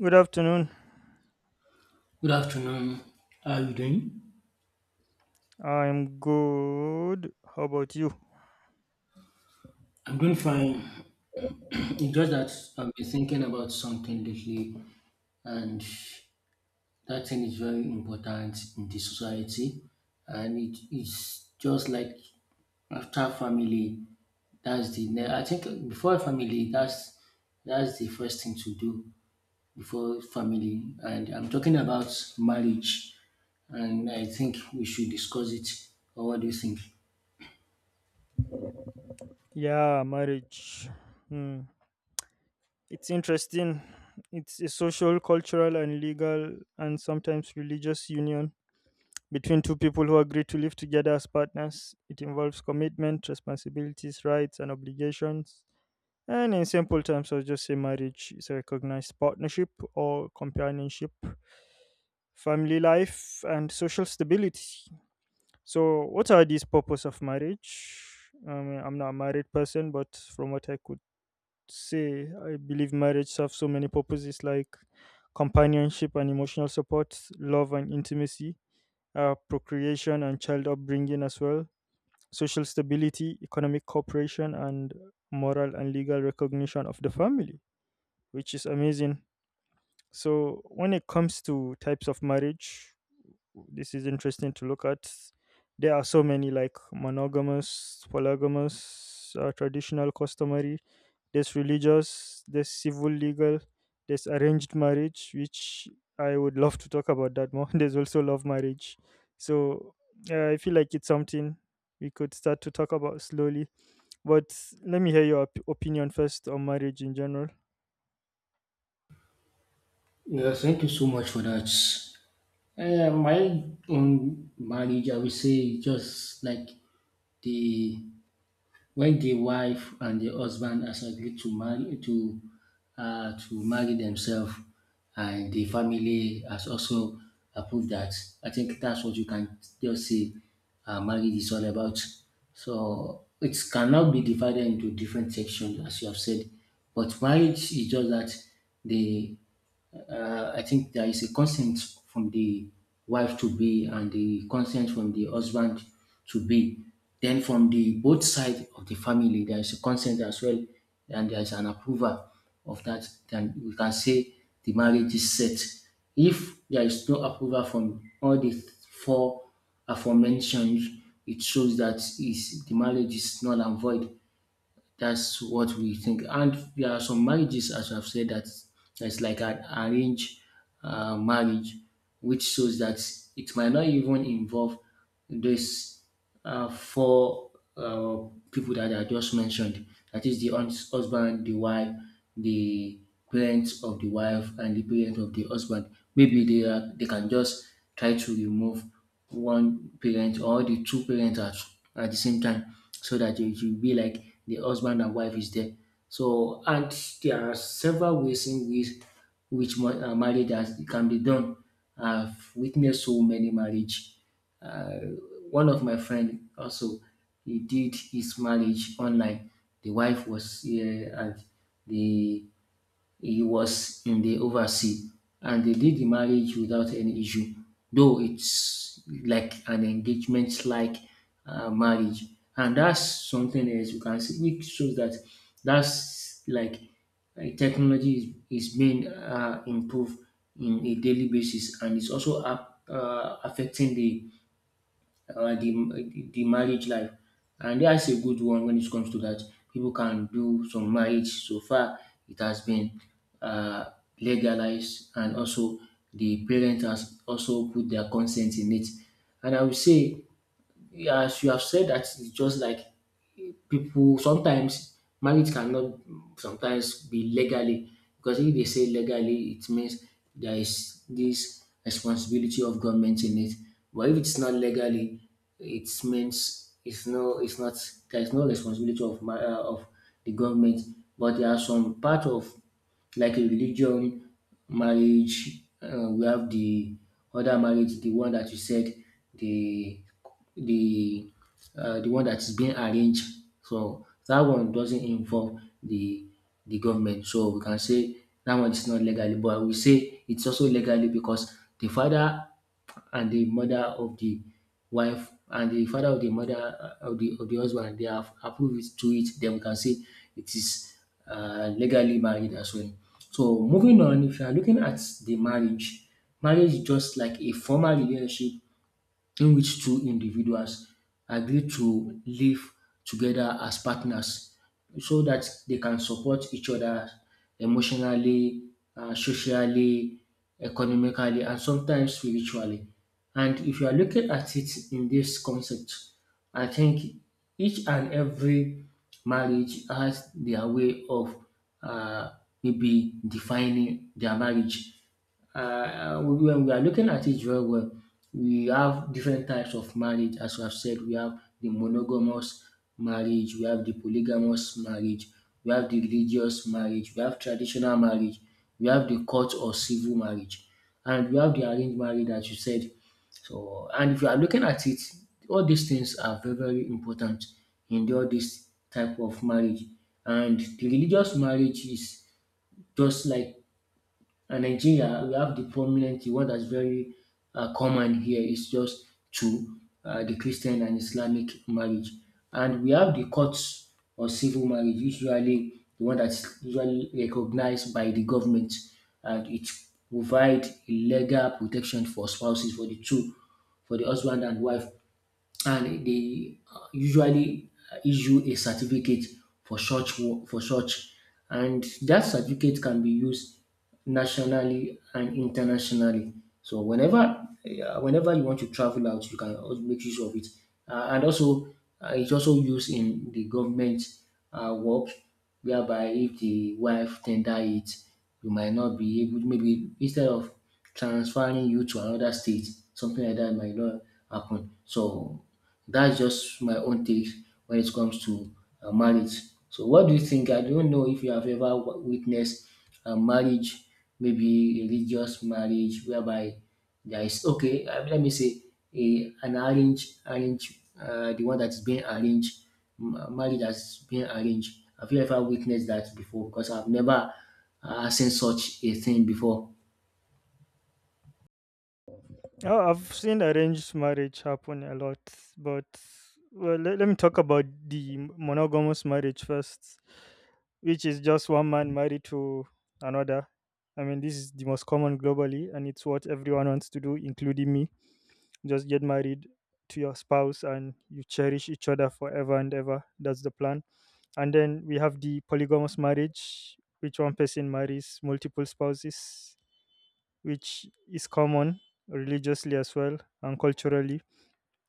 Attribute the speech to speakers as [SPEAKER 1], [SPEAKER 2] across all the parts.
[SPEAKER 1] Good afternoon.
[SPEAKER 2] Good afternoon. How are you doing?
[SPEAKER 1] I'm good. How about you?
[SPEAKER 2] I'm doing fine. It's just that I've been thinking about something lately, and that thing is very important in the society. And it is just like after family, that's the I think before family, that's the first thing to do before family. And I'm talking about marriage, and I think we should discuss it. Or what do you think?
[SPEAKER 1] Yeah, marriage. Hmm. It's interesting. It's a social, cultural, and legal, and sometimes religious union between two people who agree to live together as partners. It involves commitment, responsibilities, rights, and obligations. And in simple terms, I'll just say marriage is a recognized partnership or companionship, family life, and social stability. So, what are these purposes of marriage? I mean, I'm not a married person, but from what I could say, I believe marriage serves so many purposes like companionship and emotional support, love and intimacy, procreation and child upbringing as well, social stability, economic cooperation, and moral and legal recognition of the family, which is amazing. So, when it comes to types of marriage, this is interesting to look at. There are so many like monogamous, polygamous, traditional, customary. There's religious, there's civil, legal, there's arranged marriage, which I would love to talk about that more. There's also love marriage. So I feel like it's something we could start to talk about slowly, but let me hear your opinion first on marriage in general.
[SPEAKER 2] Yeah, thank you so much for that. My own marriage, I would say, just like the when the wife and the husband has agreed to marry themselves, and the family has also approved that. I think that's what you can just say. Marriage is all about. So it cannot be divided into different sections, as you have said. But marriage is just that the I think there is a consent from the wife to be and the consent from the husband to be. Then from the both side of the family, there is a consent as well, and there is an approval of that. Then we can say the marriage is set. If there is no approval from all the four aforementioned, it shows that is the marriage is null and void. That's what we think. And there are some marriages, as I've said, that that's like an arranged marriage, which shows that it might not even involve this four people that I just mentioned. That is the husband, the wife, the parents of the wife, and the parent of the husband. Maybe they can just try to remove one parent or the two parents at the same time, so that it will be like the husband and wife is there. So and there are several ways in which marriage has, can be done. I've witnessed so many marriage uh, one of my friend also he did his marriage online. The wife was here and the he was in the overseas and they did the marriage without any issue. Though it's like an engagement like marriage and that's something else you can see which shows that that's like technology is being improved in a daily basis and it's also affecting the the marriage life. And yeah, that's a good one when it comes to that. People can do some marriage. So far, it has been uh, legalized, and also the parent has also put their consent in it. And I would say yeah, as you have said that it's just like people sometimes marriage cannot sometimes be legally because if they say legally it means there is this responsibility of government in it, but if it's not legally it means it's not, there is no responsibility of of the government. But there are some part of like a religion, marriage. We have the other marriage, the one that you said, the the the one that is being arranged. So that one doesn't involve the government. So we can say that one is not legally, but we say it's also legally because the father and the mother of the wife and the father of the mother of the husband, they have approved it to it, then we can say it is legally married as well. So moving on, if you are looking at the marriage marriage is just like a formal relationship in which two individuals agree to live together as partners so that they can support each other emotionally, socially, economically, and sometimes spiritually. And if you are looking at it in this concept, I think each and every marriage has their way of uh, maybe defining their marriage. When we are looking at it very well, we have different types of marriage. As I've said, we have the monogamous marriage, we have the polygamous marriage, we have the religious marriage, we have traditional marriage, we have the court or civil marriage, and we have the arranged marriage, as you said. So, and if you are looking at it, all these things are very, very important in all this type of marriage. And the religious marriage is just like and Nigeria, we have the prominent the one that's very common here is just two, the Christian and Islamic marriage. And we have the courts or civil marriage, usually the one that's usually recognized by the government, and it provide legal protection for spouses for the two, for the husband and wife, and they usually issue a certificate for for such, and that certificate can be used nationally and internationally. So whenever whenever you want to travel out you can also make use of it. And also it's also used in the government work, whereby if the wife tender it you might not be able, maybe instead of transferring you to another state, something like that might not happen. So that's just my own take when it comes to marriage. So, what do you think? I don't know if you have ever witnessed a marriage, maybe religious marriage, whereby there is okay. Let me say an arranged, the one that is being arranged, marriage that's being arranged. Have you ever witnessed that before? Because I've never seen such a thing before.
[SPEAKER 1] Oh, I've seen arranged marriage happen a lot, but well, let me talk about the monogamous marriage first, which is just one man married to another. I mean, this is the most common globally, and it's what everyone wants to do, including me. Just get married to your spouse and you cherish each other forever and ever. That's the plan. And then we have the polygamous marriage, which one person marries multiple spouses, which is common religiously as well and culturally,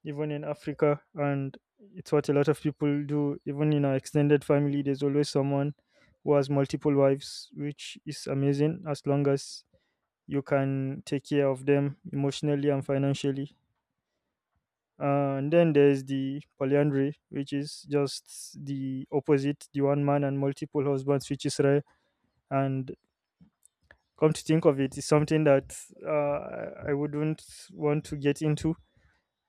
[SPEAKER 1] even in Africa. And it's what a lot of people do. Even in our extended family, there's always someone who has multiple wives, which is amazing as long as you can take care of them emotionally and financially. And then there's the polyandry, which is just the opposite, the one man and multiple husbands, which is rare. And come to think of it, it's something that I wouldn't want to get into.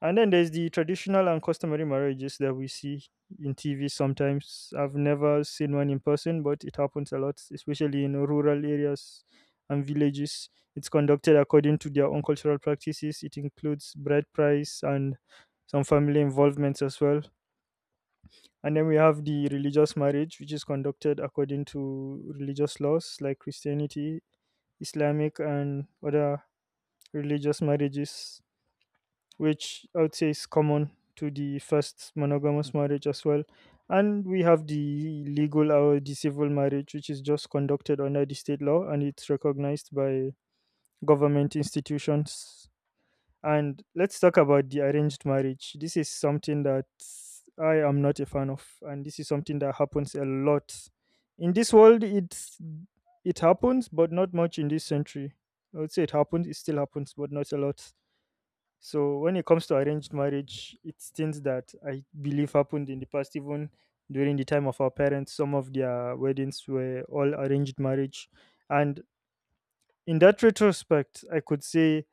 [SPEAKER 1] And then there's the traditional and customary marriages that we see in TV sometimes. I've never seen one in person, but it happens a lot, especially in rural areas and villages. It's conducted according to their own cultural practices. It includes bride price and some family involvements as well. And then we have the religious marriage, which is conducted according to religious laws like Christianity, Islamic, and other religious marriages, which I would say is common to the first monogamous marriage as well. And we have the legal or the civil marriage, which is just conducted under the state law and it's recognized by government institutions. And let's talk about the arranged marriage. This is something that I am not a fan of, and this is something that happens a lot in this world. It happens, but not much in this century. I would say it happens. It still happens, but not a lot. So when it comes to arranged marriage, it's things that I believe happened in the past, even during the time of our parents. Some of their weddings were all arranged marriage, and in that retrospect, I could say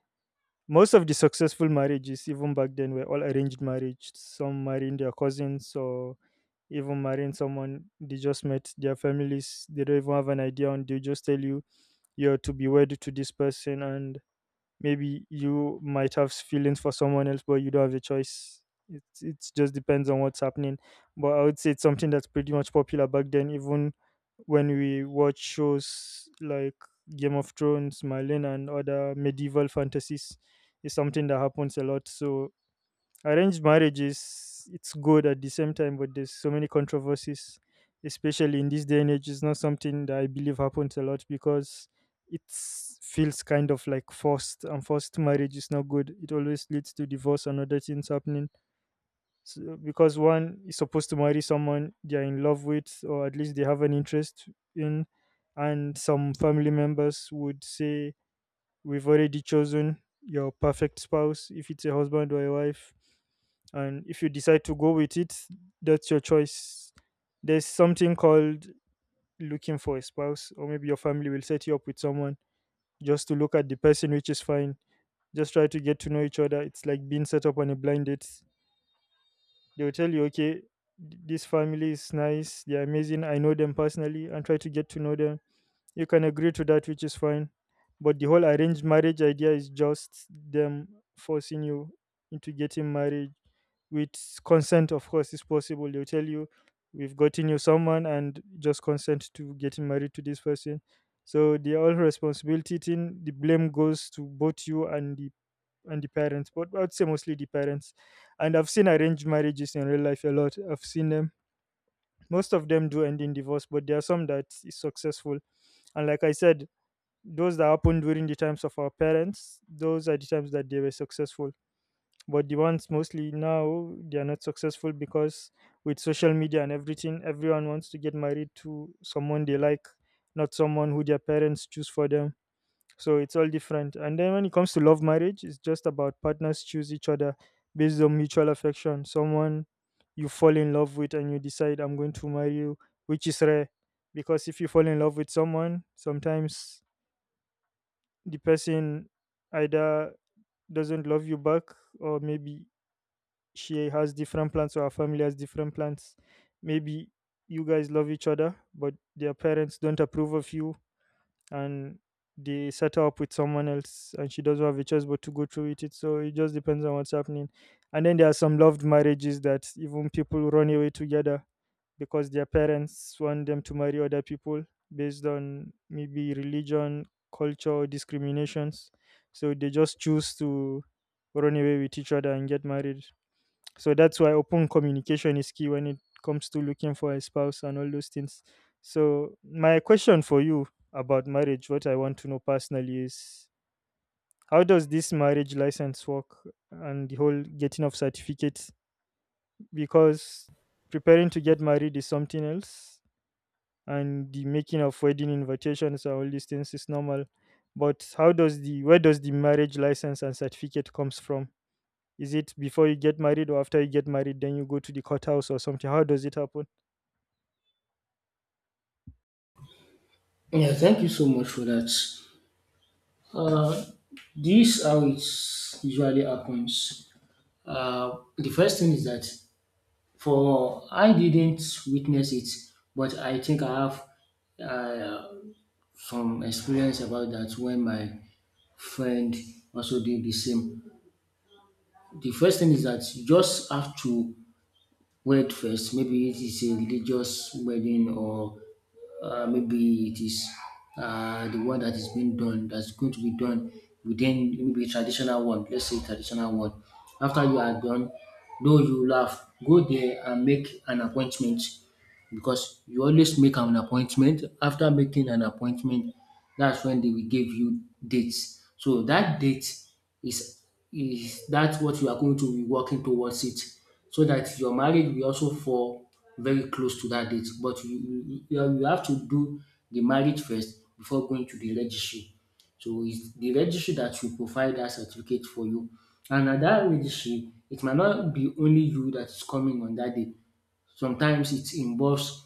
[SPEAKER 1] most of the successful marriages, even back then, were all arranged marriage. Some marrying their cousins, or even marrying someone they just met. Their families they don't even have an idea, and they just tell you you're to be wed to this person, and maybe you might have feelings for someone else but you don't have a choice. It just depends on what's happening, but I would say it's something that's pretty much popular back then. Even when we watch shows like Game of Thrones, Merlin, and other medieval fantasies, is something that happens a lot. So arranged marriage is it's good at the same time, but there's so many controversies, especially in this day and age. It's not something that I believe happens a lot because it feels kind of like forced, and forced marriage is not good. It always leads to divorce and other things happening. So, because one is supposed to marry someone they are in love with, or at least they have an interest in. And some family members would say, we've already chosen your perfect spouse, if it's a husband or a wife. And if you decide to go with it, that's your choice. There's something called looking for a spouse, or maybe your family will set you up with someone just to look at the person, which is fine. Just try to get to know each other. It's like being set up on a blind date. They'll tell you, okay, this family is nice, they're amazing, I know them personally, and try to get to know them. You can agree to that, which is fine. But the whole arranged marriage idea is just them forcing you into getting married with consent, of course, is possible. They'll tell you, we've gotten you someone and just consent to getting married to this person. So the all responsibility thing, the blame goes to both you and the parents, but I'd say mostly the parents. And I've seen arranged marriages in real life a lot. I've seen them. Most of them do end in divorce, but there are some that is successful. And like I said, those that happened during the times of our parents, those are the times that they were successful. But the ones mostly now, they are not successful because with social media and everything, everyone wants to get married to someone they like, not someone who their parents choose for them. So it's all different. And then when it comes to love marriage, it's just about partners choose each other based on mutual affection. Someone you fall in love with and you decide, I'm going to marry you, which is rare. Because if you fall in love with someone, sometimes the person either doesn't love you back, or maybe she has different plans or her family has different plans. Maybe you guys love each other but their parents don't approve of you, and they settle up with someone else and she doesn't have a choice but to go through with it. So it just depends on what's happening. And then there are some loved marriages that even people run away together because their parents want them to marry other people based on maybe religion, culture, or discriminations. So they just choose to run away with each other and get married. So that's why open communication is key when it comes to looking for a spouse and all those things. So my question for you about marriage, what I want to know personally is how does this marriage license work and the whole getting of certificates? Because preparing to get married is something else, and the making of wedding invitations and all these things is normal. But how does the where does the marriage license and certificate comes from? Is it before you get married or after you get married, then you go to the courthouse or something? How does it happen?
[SPEAKER 2] Yeah, thank you so much for that. Uh, this how it usually happens. The first thing is that for I didn't witness it, but I think I have uh, some experience about that when my friend also did the same. The first thing is that you just have to wait first. Maybe it is a religious wedding or maybe it is the one that is being done that's going to be done within maybe traditional one, let's say traditional one. After you are done, though you laugh go there and make an appointment, because you always make an appointment. After making an appointment, that's when they will give you dates. So that date is is that's what you are going to be working towards it, so that your marriage will also fall very close to that date. But you have to do the marriage first before going to the registry. So it's the registry that will provide that certificate for you. And at that registry, it might not be only you that is coming on that day. Sometimes it involves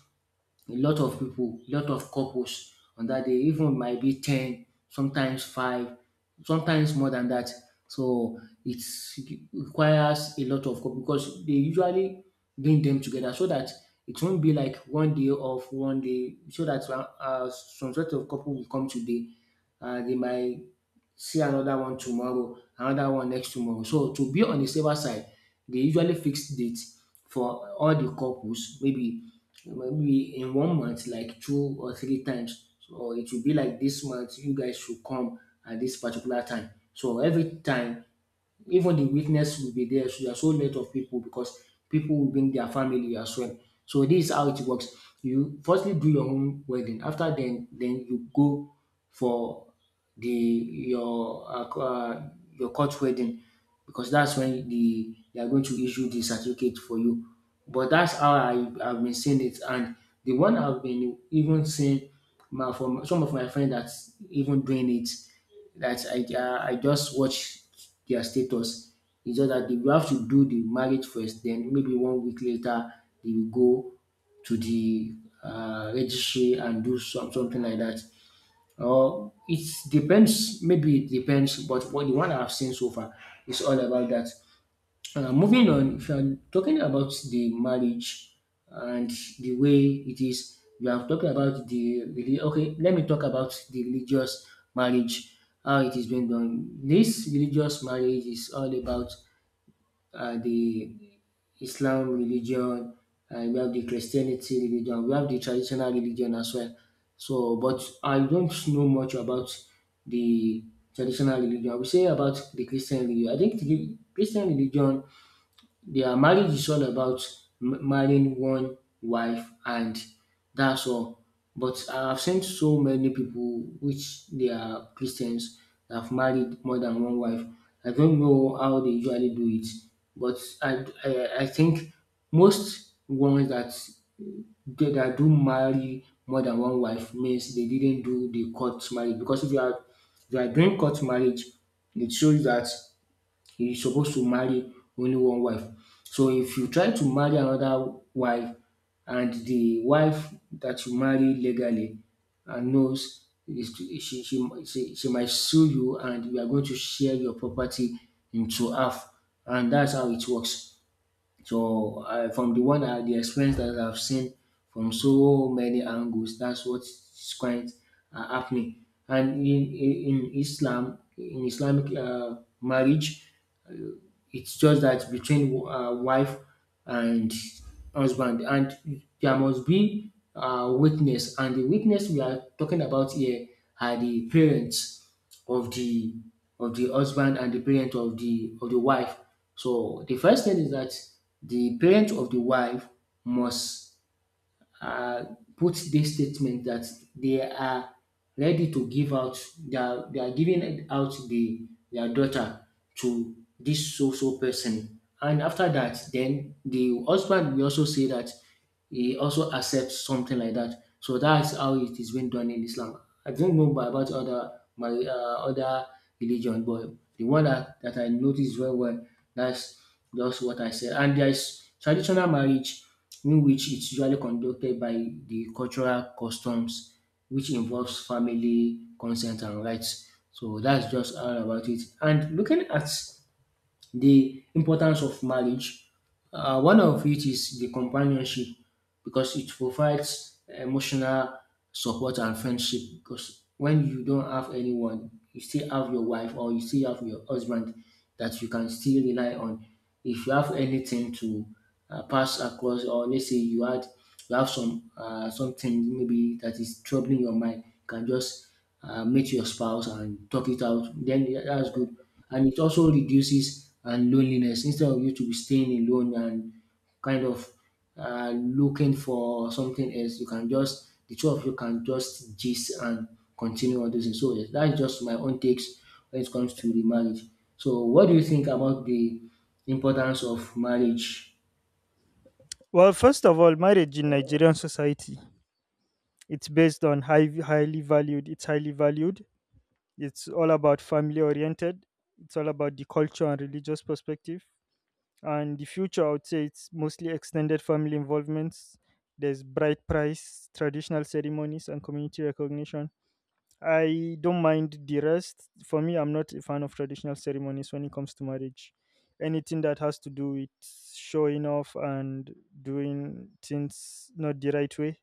[SPEAKER 2] a lot of people, a lot of couples on that day, even might be 10, sometimes 5, sometimes more than that. So it requires a lot of couple because they usually bring them together so that it won't be like one day off, one day, so that some sort of couple will come today. They might see another one tomorrow, another one next tomorrow. So to be on the safer side, they usually fix date for all the couples, maybe in one month, like two or three times. So it will be like this month, you guys should come at this particular time. So every time even the witness will be there. So there are so lot of people because people will bring their family as well. So this is how it works. You firstly do your own wedding. After then you go for the your court wedding, because that's when they are going to issue the certificate for you. But that's how I have been seeing it, and the one I've been even seeing my from some of my friends that's even doing it. That I just watch their status. It's just that they will have to do the marriage first, then maybe one week later they will go to the registry and do something like that. Or maybe it depends, but what the one I've seen so far is all about that. Moving on, if you are talking about the marriage and the way it is, you are talking about the okay. Let me talk about the religious marriage, how it is being done. This religious marriage is all about the Islam religion, and we have the Christianity religion, we have the traditional religion as well. So, but I don't know much about the traditional religion. I will say about the Christian religion. I think the Christian religion their marriage is all about marrying one wife and that's all. But I've seen so many people which they are Christians that have married more than one wife. I don't know how they usually do it, but I think most ones that that do marry more than one wife means they didn't do the court marriage. Because if you are doing court marriage, it shows that he's supposed to marry only one wife. So if you try to marry another wife and the wife that you marry legally and knows is she might sue you and you are going to share your property into half. And that's how it works. So from the one the experience that I've seen from so many angles, that's what's quite happening. And in Islam, in Islamic marriage, it's just that between wife and husband, and there must be witness, and the witness we are talking about here are the parents of the husband and the parent of the wife. So the first thing is that the parent of the wife must uh, put this statement that they are ready to give out they are giving out the their daughter to this so so person. And after that, then the husband will also say that he also accepts something like that. So that's how it is being done in Islam. I don't know about other my other religion, but the one that I noticed very well, that's just what I said. And there is traditional marriage in which it's usually conducted by the cultural customs, which involves family, consent, and rights. So that's just all about it. And looking at the importance of marriage. One of it is the companionship because it provides emotional support and friendship. Because when you don't have anyone, you still have your wife or you still have your husband that you can still rely on. If you have anything to pass across, or let's say you had you have some something maybe that is troubling your mind, you can just meet your spouse and talk it out. Then that's good. And it also reduces and loneliness. Instead of you to be staying alone and kind of looking for something else, you can just the two of you can just gist and continue on this. So yes, that's just my own takes when it comes to the marriage. So what do you think about the importance of marriage?
[SPEAKER 1] Well, first of all, marriage in Nigerian society, it's based on highly valued. It's highly valued. It's all about family oriented. It's all about the culture and religious perspective. And the future, I would say, it's mostly extended family involvements. There's bride price, traditional ceremonies, and community recognition. I don't mind the rest. For me, I'm not a fan of traditional ceremonies when it comes to marriage. Anything that has to do with showing off and doing things not the right way,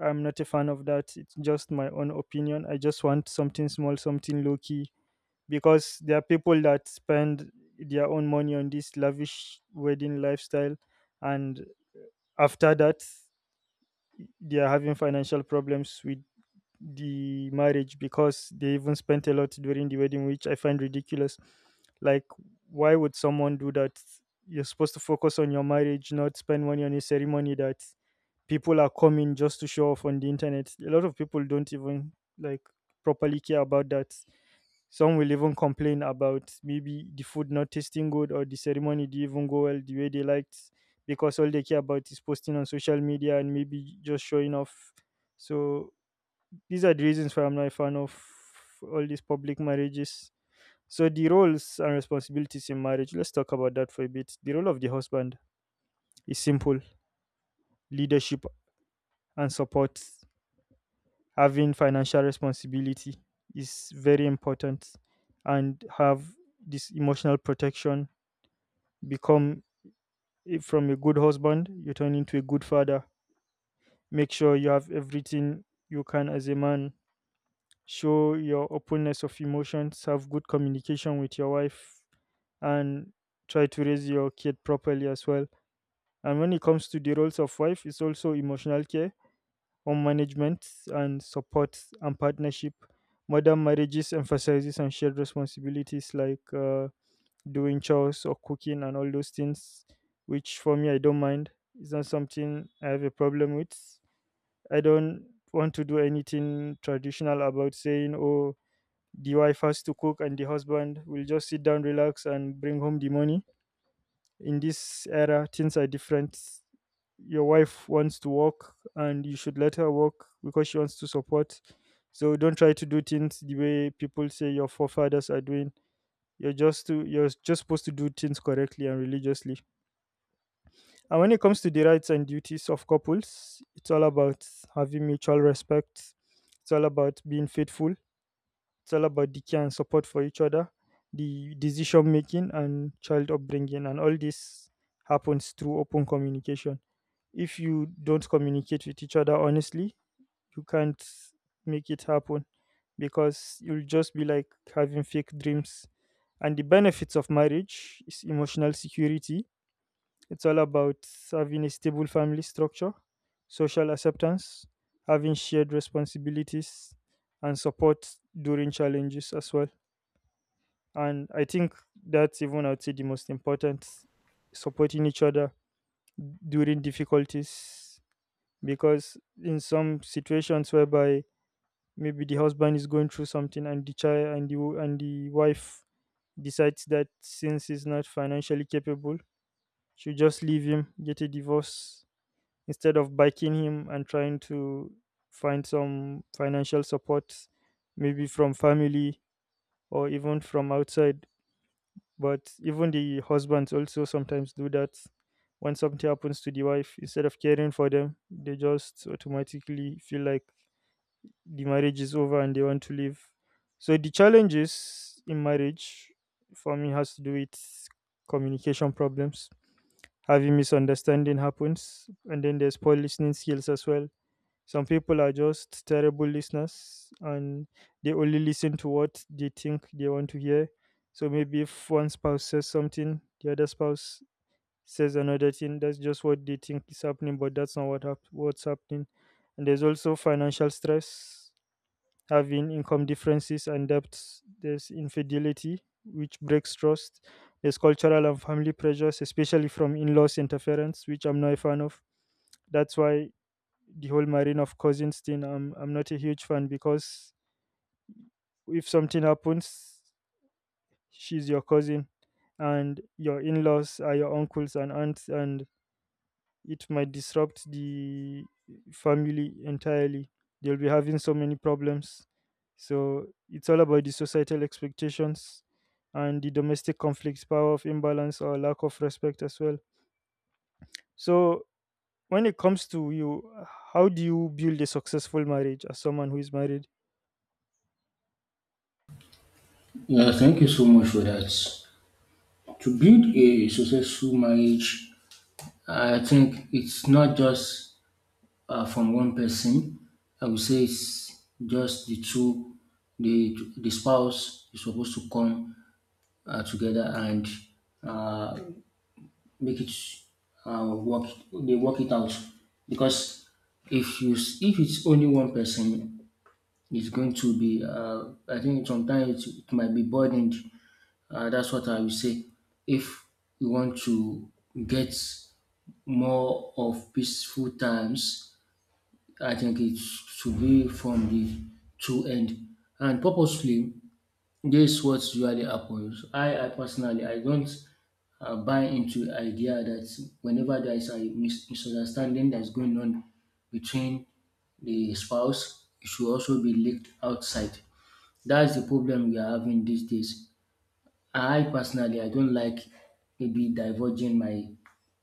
[SPEAKER 1] I'm not a fan of that. It's just my own opinion. I just want something small, something low key, because there are people that spend their own money on this lavish wedding lifestyle, and after that they are having financial problems with the marriage because they even spent a lot during the wedding, which I find ridiculous. Like, why would someone do that? You're supposed to focus on your marriage, not spend money on a ceremony that people are coming just to show off on the internet. A lot of people don't even, like, properly care about that. Some will even complain about maybe the food not tasting good or the ceremony didn't even go well the way they liked, because all they care about is posting on social media and maybe just showing off. So these are the reasons why I'm not a fan of all these public marriages. So the roles and responsibilities in marriage, let's talk about that for a bit. The role of the husband is simple leadership and support. Having financial responsibility is very important, and have this emotional protection. Become from a good husband, you turn into a good father. Make sure you have everything you can as a man. Show your openness of emotions, have good communication with your wife, and try to raise your kid properly as well. And when it comes to the roles of wife, it's also emotional care, home management, and support and partnership. Modern marriages emphasizes on shared responsibilities like doing chores or cooking and all those things, which for me, I don't mind. It's not something I have a problem with. I don't want to do anything traditional about saying, oh, the wife has to cook and the husband will just sit down, relax, and bring home the money. In this era, things are different. Your wife wants to work and you should let her work because she wants to support. So don't try to do things the way people say your forefathers are doing. You're just to you're just supposed to do things correctly and religiously. And when it comes to the rights and duties of couples, it's all about having mutual respect. It's all about being faithful. It's all about the care and support for each other, the decision making and child upbringing, and all this happens through open communication. If you don't communicate with each other honestly, you can't make it happen because you'll just be like having fake dreams. And the benefits of marriage is emotional security. It's all about having a stable family structure, social acceptance, having shared responsibilities, and support during challenges as well. And I think that's even, I would say, the most important, supporting each other during difficulties, because in some situations whereby maybe the husband is going through something and the child and the and the wife decides that since he's not financially capable, she'll just leave him, get a divorce instead of backing him and trying to find some financial support, maybe from family or even from outside. But even the husbands also sometimes do that. When something happens to the wife, instead of caring for them, they just automatically feel like the marriage is over and they want to leave. So the challenges in marriage for me has to do with communication problems. Having misunderstanding happens and then there's poor listening skills as well. Some people are just terrible listeners and they only listen to what they think they want to hear. So maybe if one spouse says something, the other spouse says another thing, that's just what they think is happening, but that's not what's happening. And there's also financial stress, having income differences and debts. There's infidelity, which breaks trust. There's cultural and family pressures, especially from in laws interference, which I'm not a fan of. That's why the whole marine of cousins thing, I'm not a huge fan, because if something happens, she's your cousin and your in laws are your uncles and aunts, and it might disrupt the family entirely. They'll be having so many problems. So it's all about the societal expectations and the domestic conflicts, power of imbalance, or lack of respect as well. So when it comes to you, how do you build a successful marriage as someone who is married?
[SPEAKER 2] Yeah, thank you so much for that. To build a successful marriage, I think it's not just from one person. I would say it's just the two, the spouse is supposed to come together and uh, make it work. They work it out. Because if you s- if it's only one person, it's going to be. I think sometimes it might be burdened. That's what I would say. If you want to get more of peaceful times, I think it should be from the two end and purposefully this is what usually happens. I personally, I don't buy into the idea that whenever there is a misunderstanding that's going on between the spouse, it should also be leaked outside. That's the problem we are having these days. I personally I don't like maybe diverging my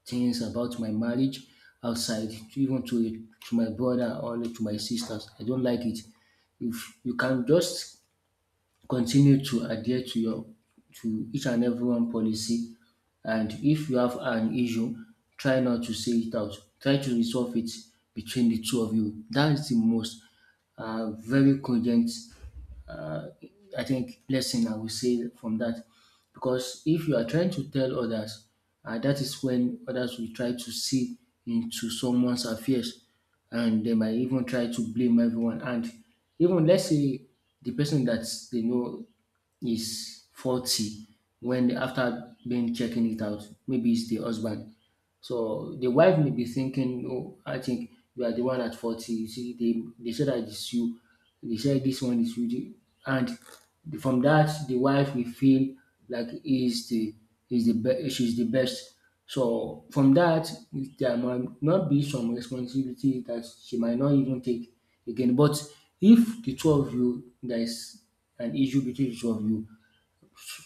[SPEAKER 2] things about my marriage outside, to even to my brother or to my sisters. I don't like it. If you can just continue to adhere to your to each and every one policy, and if you have an issue, try not to say it out. Try to resolve it between the two of you. That is the most very cogent uh, I think lesson I will say from that. Because if you are trying to tell others, that is when others will try to see into someone's affairs and they might even try to blame everyone. And even let's say the person that they know is faulty, when after being checking it out, maybe it's the husband. So the wife may be thinking, oh, I think you are the one at 40. You see, they said that it's you. They said this one is you. And from that, the wife will feel like is the she's the best. So from that, there might not be some responsibility that she might not even take again. But if the two of you, there is an issue between the two of you,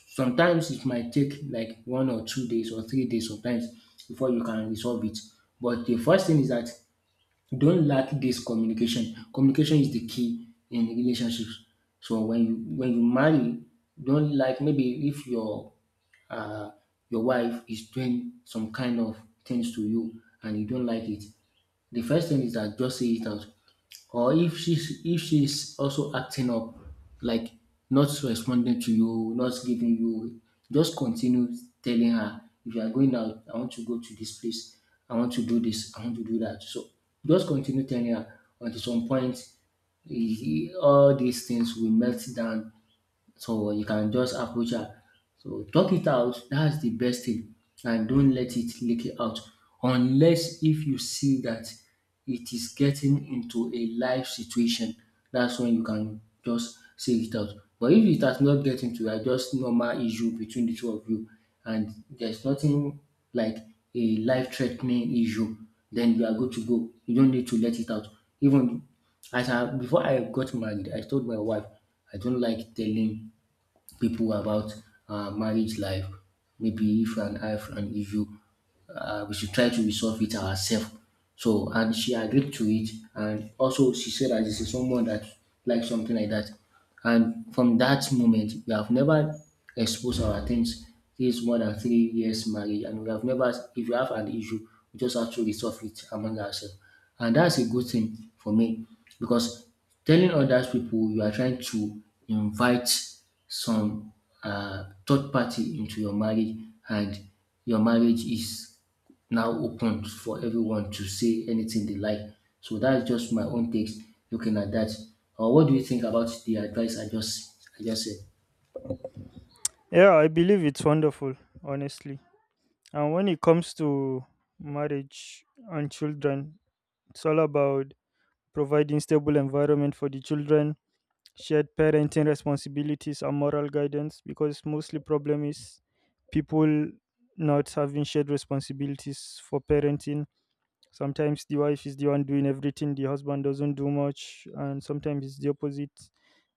[SPEAKER 2] sometimes it might take like one or two days or three days sometimes before you can resolve it. But the first thing is that don't lack this communication. Communication is the key in relationships. So when you marry, don't like maybe if your uh, your wife is doing some kind of things to you and you don't like it, the first thing is that just say it out. Or if she's also acting up, like not responding to you, not giving you, just continue telling her. If you are going out, I want to go to this place, I want to do this, I want to do that. So just continue telling her until some point, eh, all these things will melt down so you can just approach her. So talk it out. That's the best thing. And don't let it leak out. Unless if you see that it is getting into a life situation, that's when you can just say it out. But if it has not get into a just normal issue between the two of you and there's nothing like a life threatening issue, then you are good to go. You don't need to let it out. Even as I before I got married, I told my wife I don't like telling people about marriage life. Maybe if and I have an issue, we should try to resolve it ourselves. So, and she agreed to it. And also, she said that this is someone that likes something like that. And from that moment, we have never exposed our things. This is more than three years marriage, and we have never, if you have an issue, we just have to resolve it among ourselves. And that's a good thing for me because telling others people you are trying to invite some third party into your marriage, and your marriage is now open for everyone to say anything they like. So that's just my own takes looking at that. What do you think about the advice I just said?
[SPEAKER 1] Yeah, I believe it's wonderful, honestly. And when it comes to marriage and children, it's all about providing stable environment for the children, shared parenting responsibilities and moral guidance, because mostly problem is people not having shared responsibilities for parenting. Sometimes the wife is the one doing everything, the husband doesn't do much, and sometimes it's the opposite.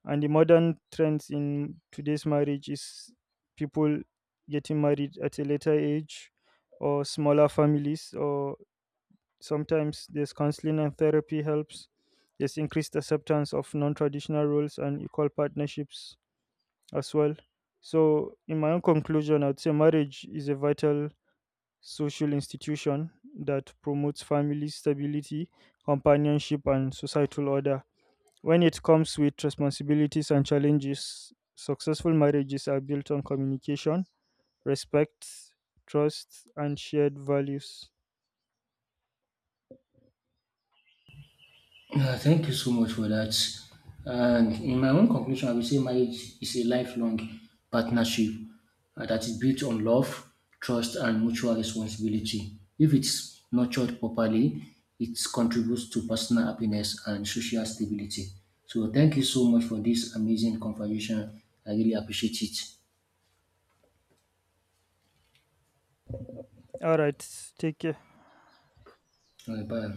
[SPEAKER 1] And the modern trends in today's marriage is people getting married at a later age, or smaller families, or sometimes there's counseling and therapy helps. There's increased acceptance of non traditional roles and equal partnerships as well. So, in my own conclusion, I'd say marriage is a vital social institution that promotes family stability, companionship, and societal order. When it comes with responsibilities and challenges, successful marriages are built on communication, respect, trust, and shared values.
[SPEAKER 2] Thank you so much for that. And in my own conclusion, I will say marriage is a lifelong partnership that is built on love, trust, and mutual responsibility. If it's nurtured properly, it contributes to personal happiness and social stability. So, thank you so much for this amazing conversation. I really appreciate it.
[SPEAKER 1] All right, take care.
[SPEAKER 2] Bye.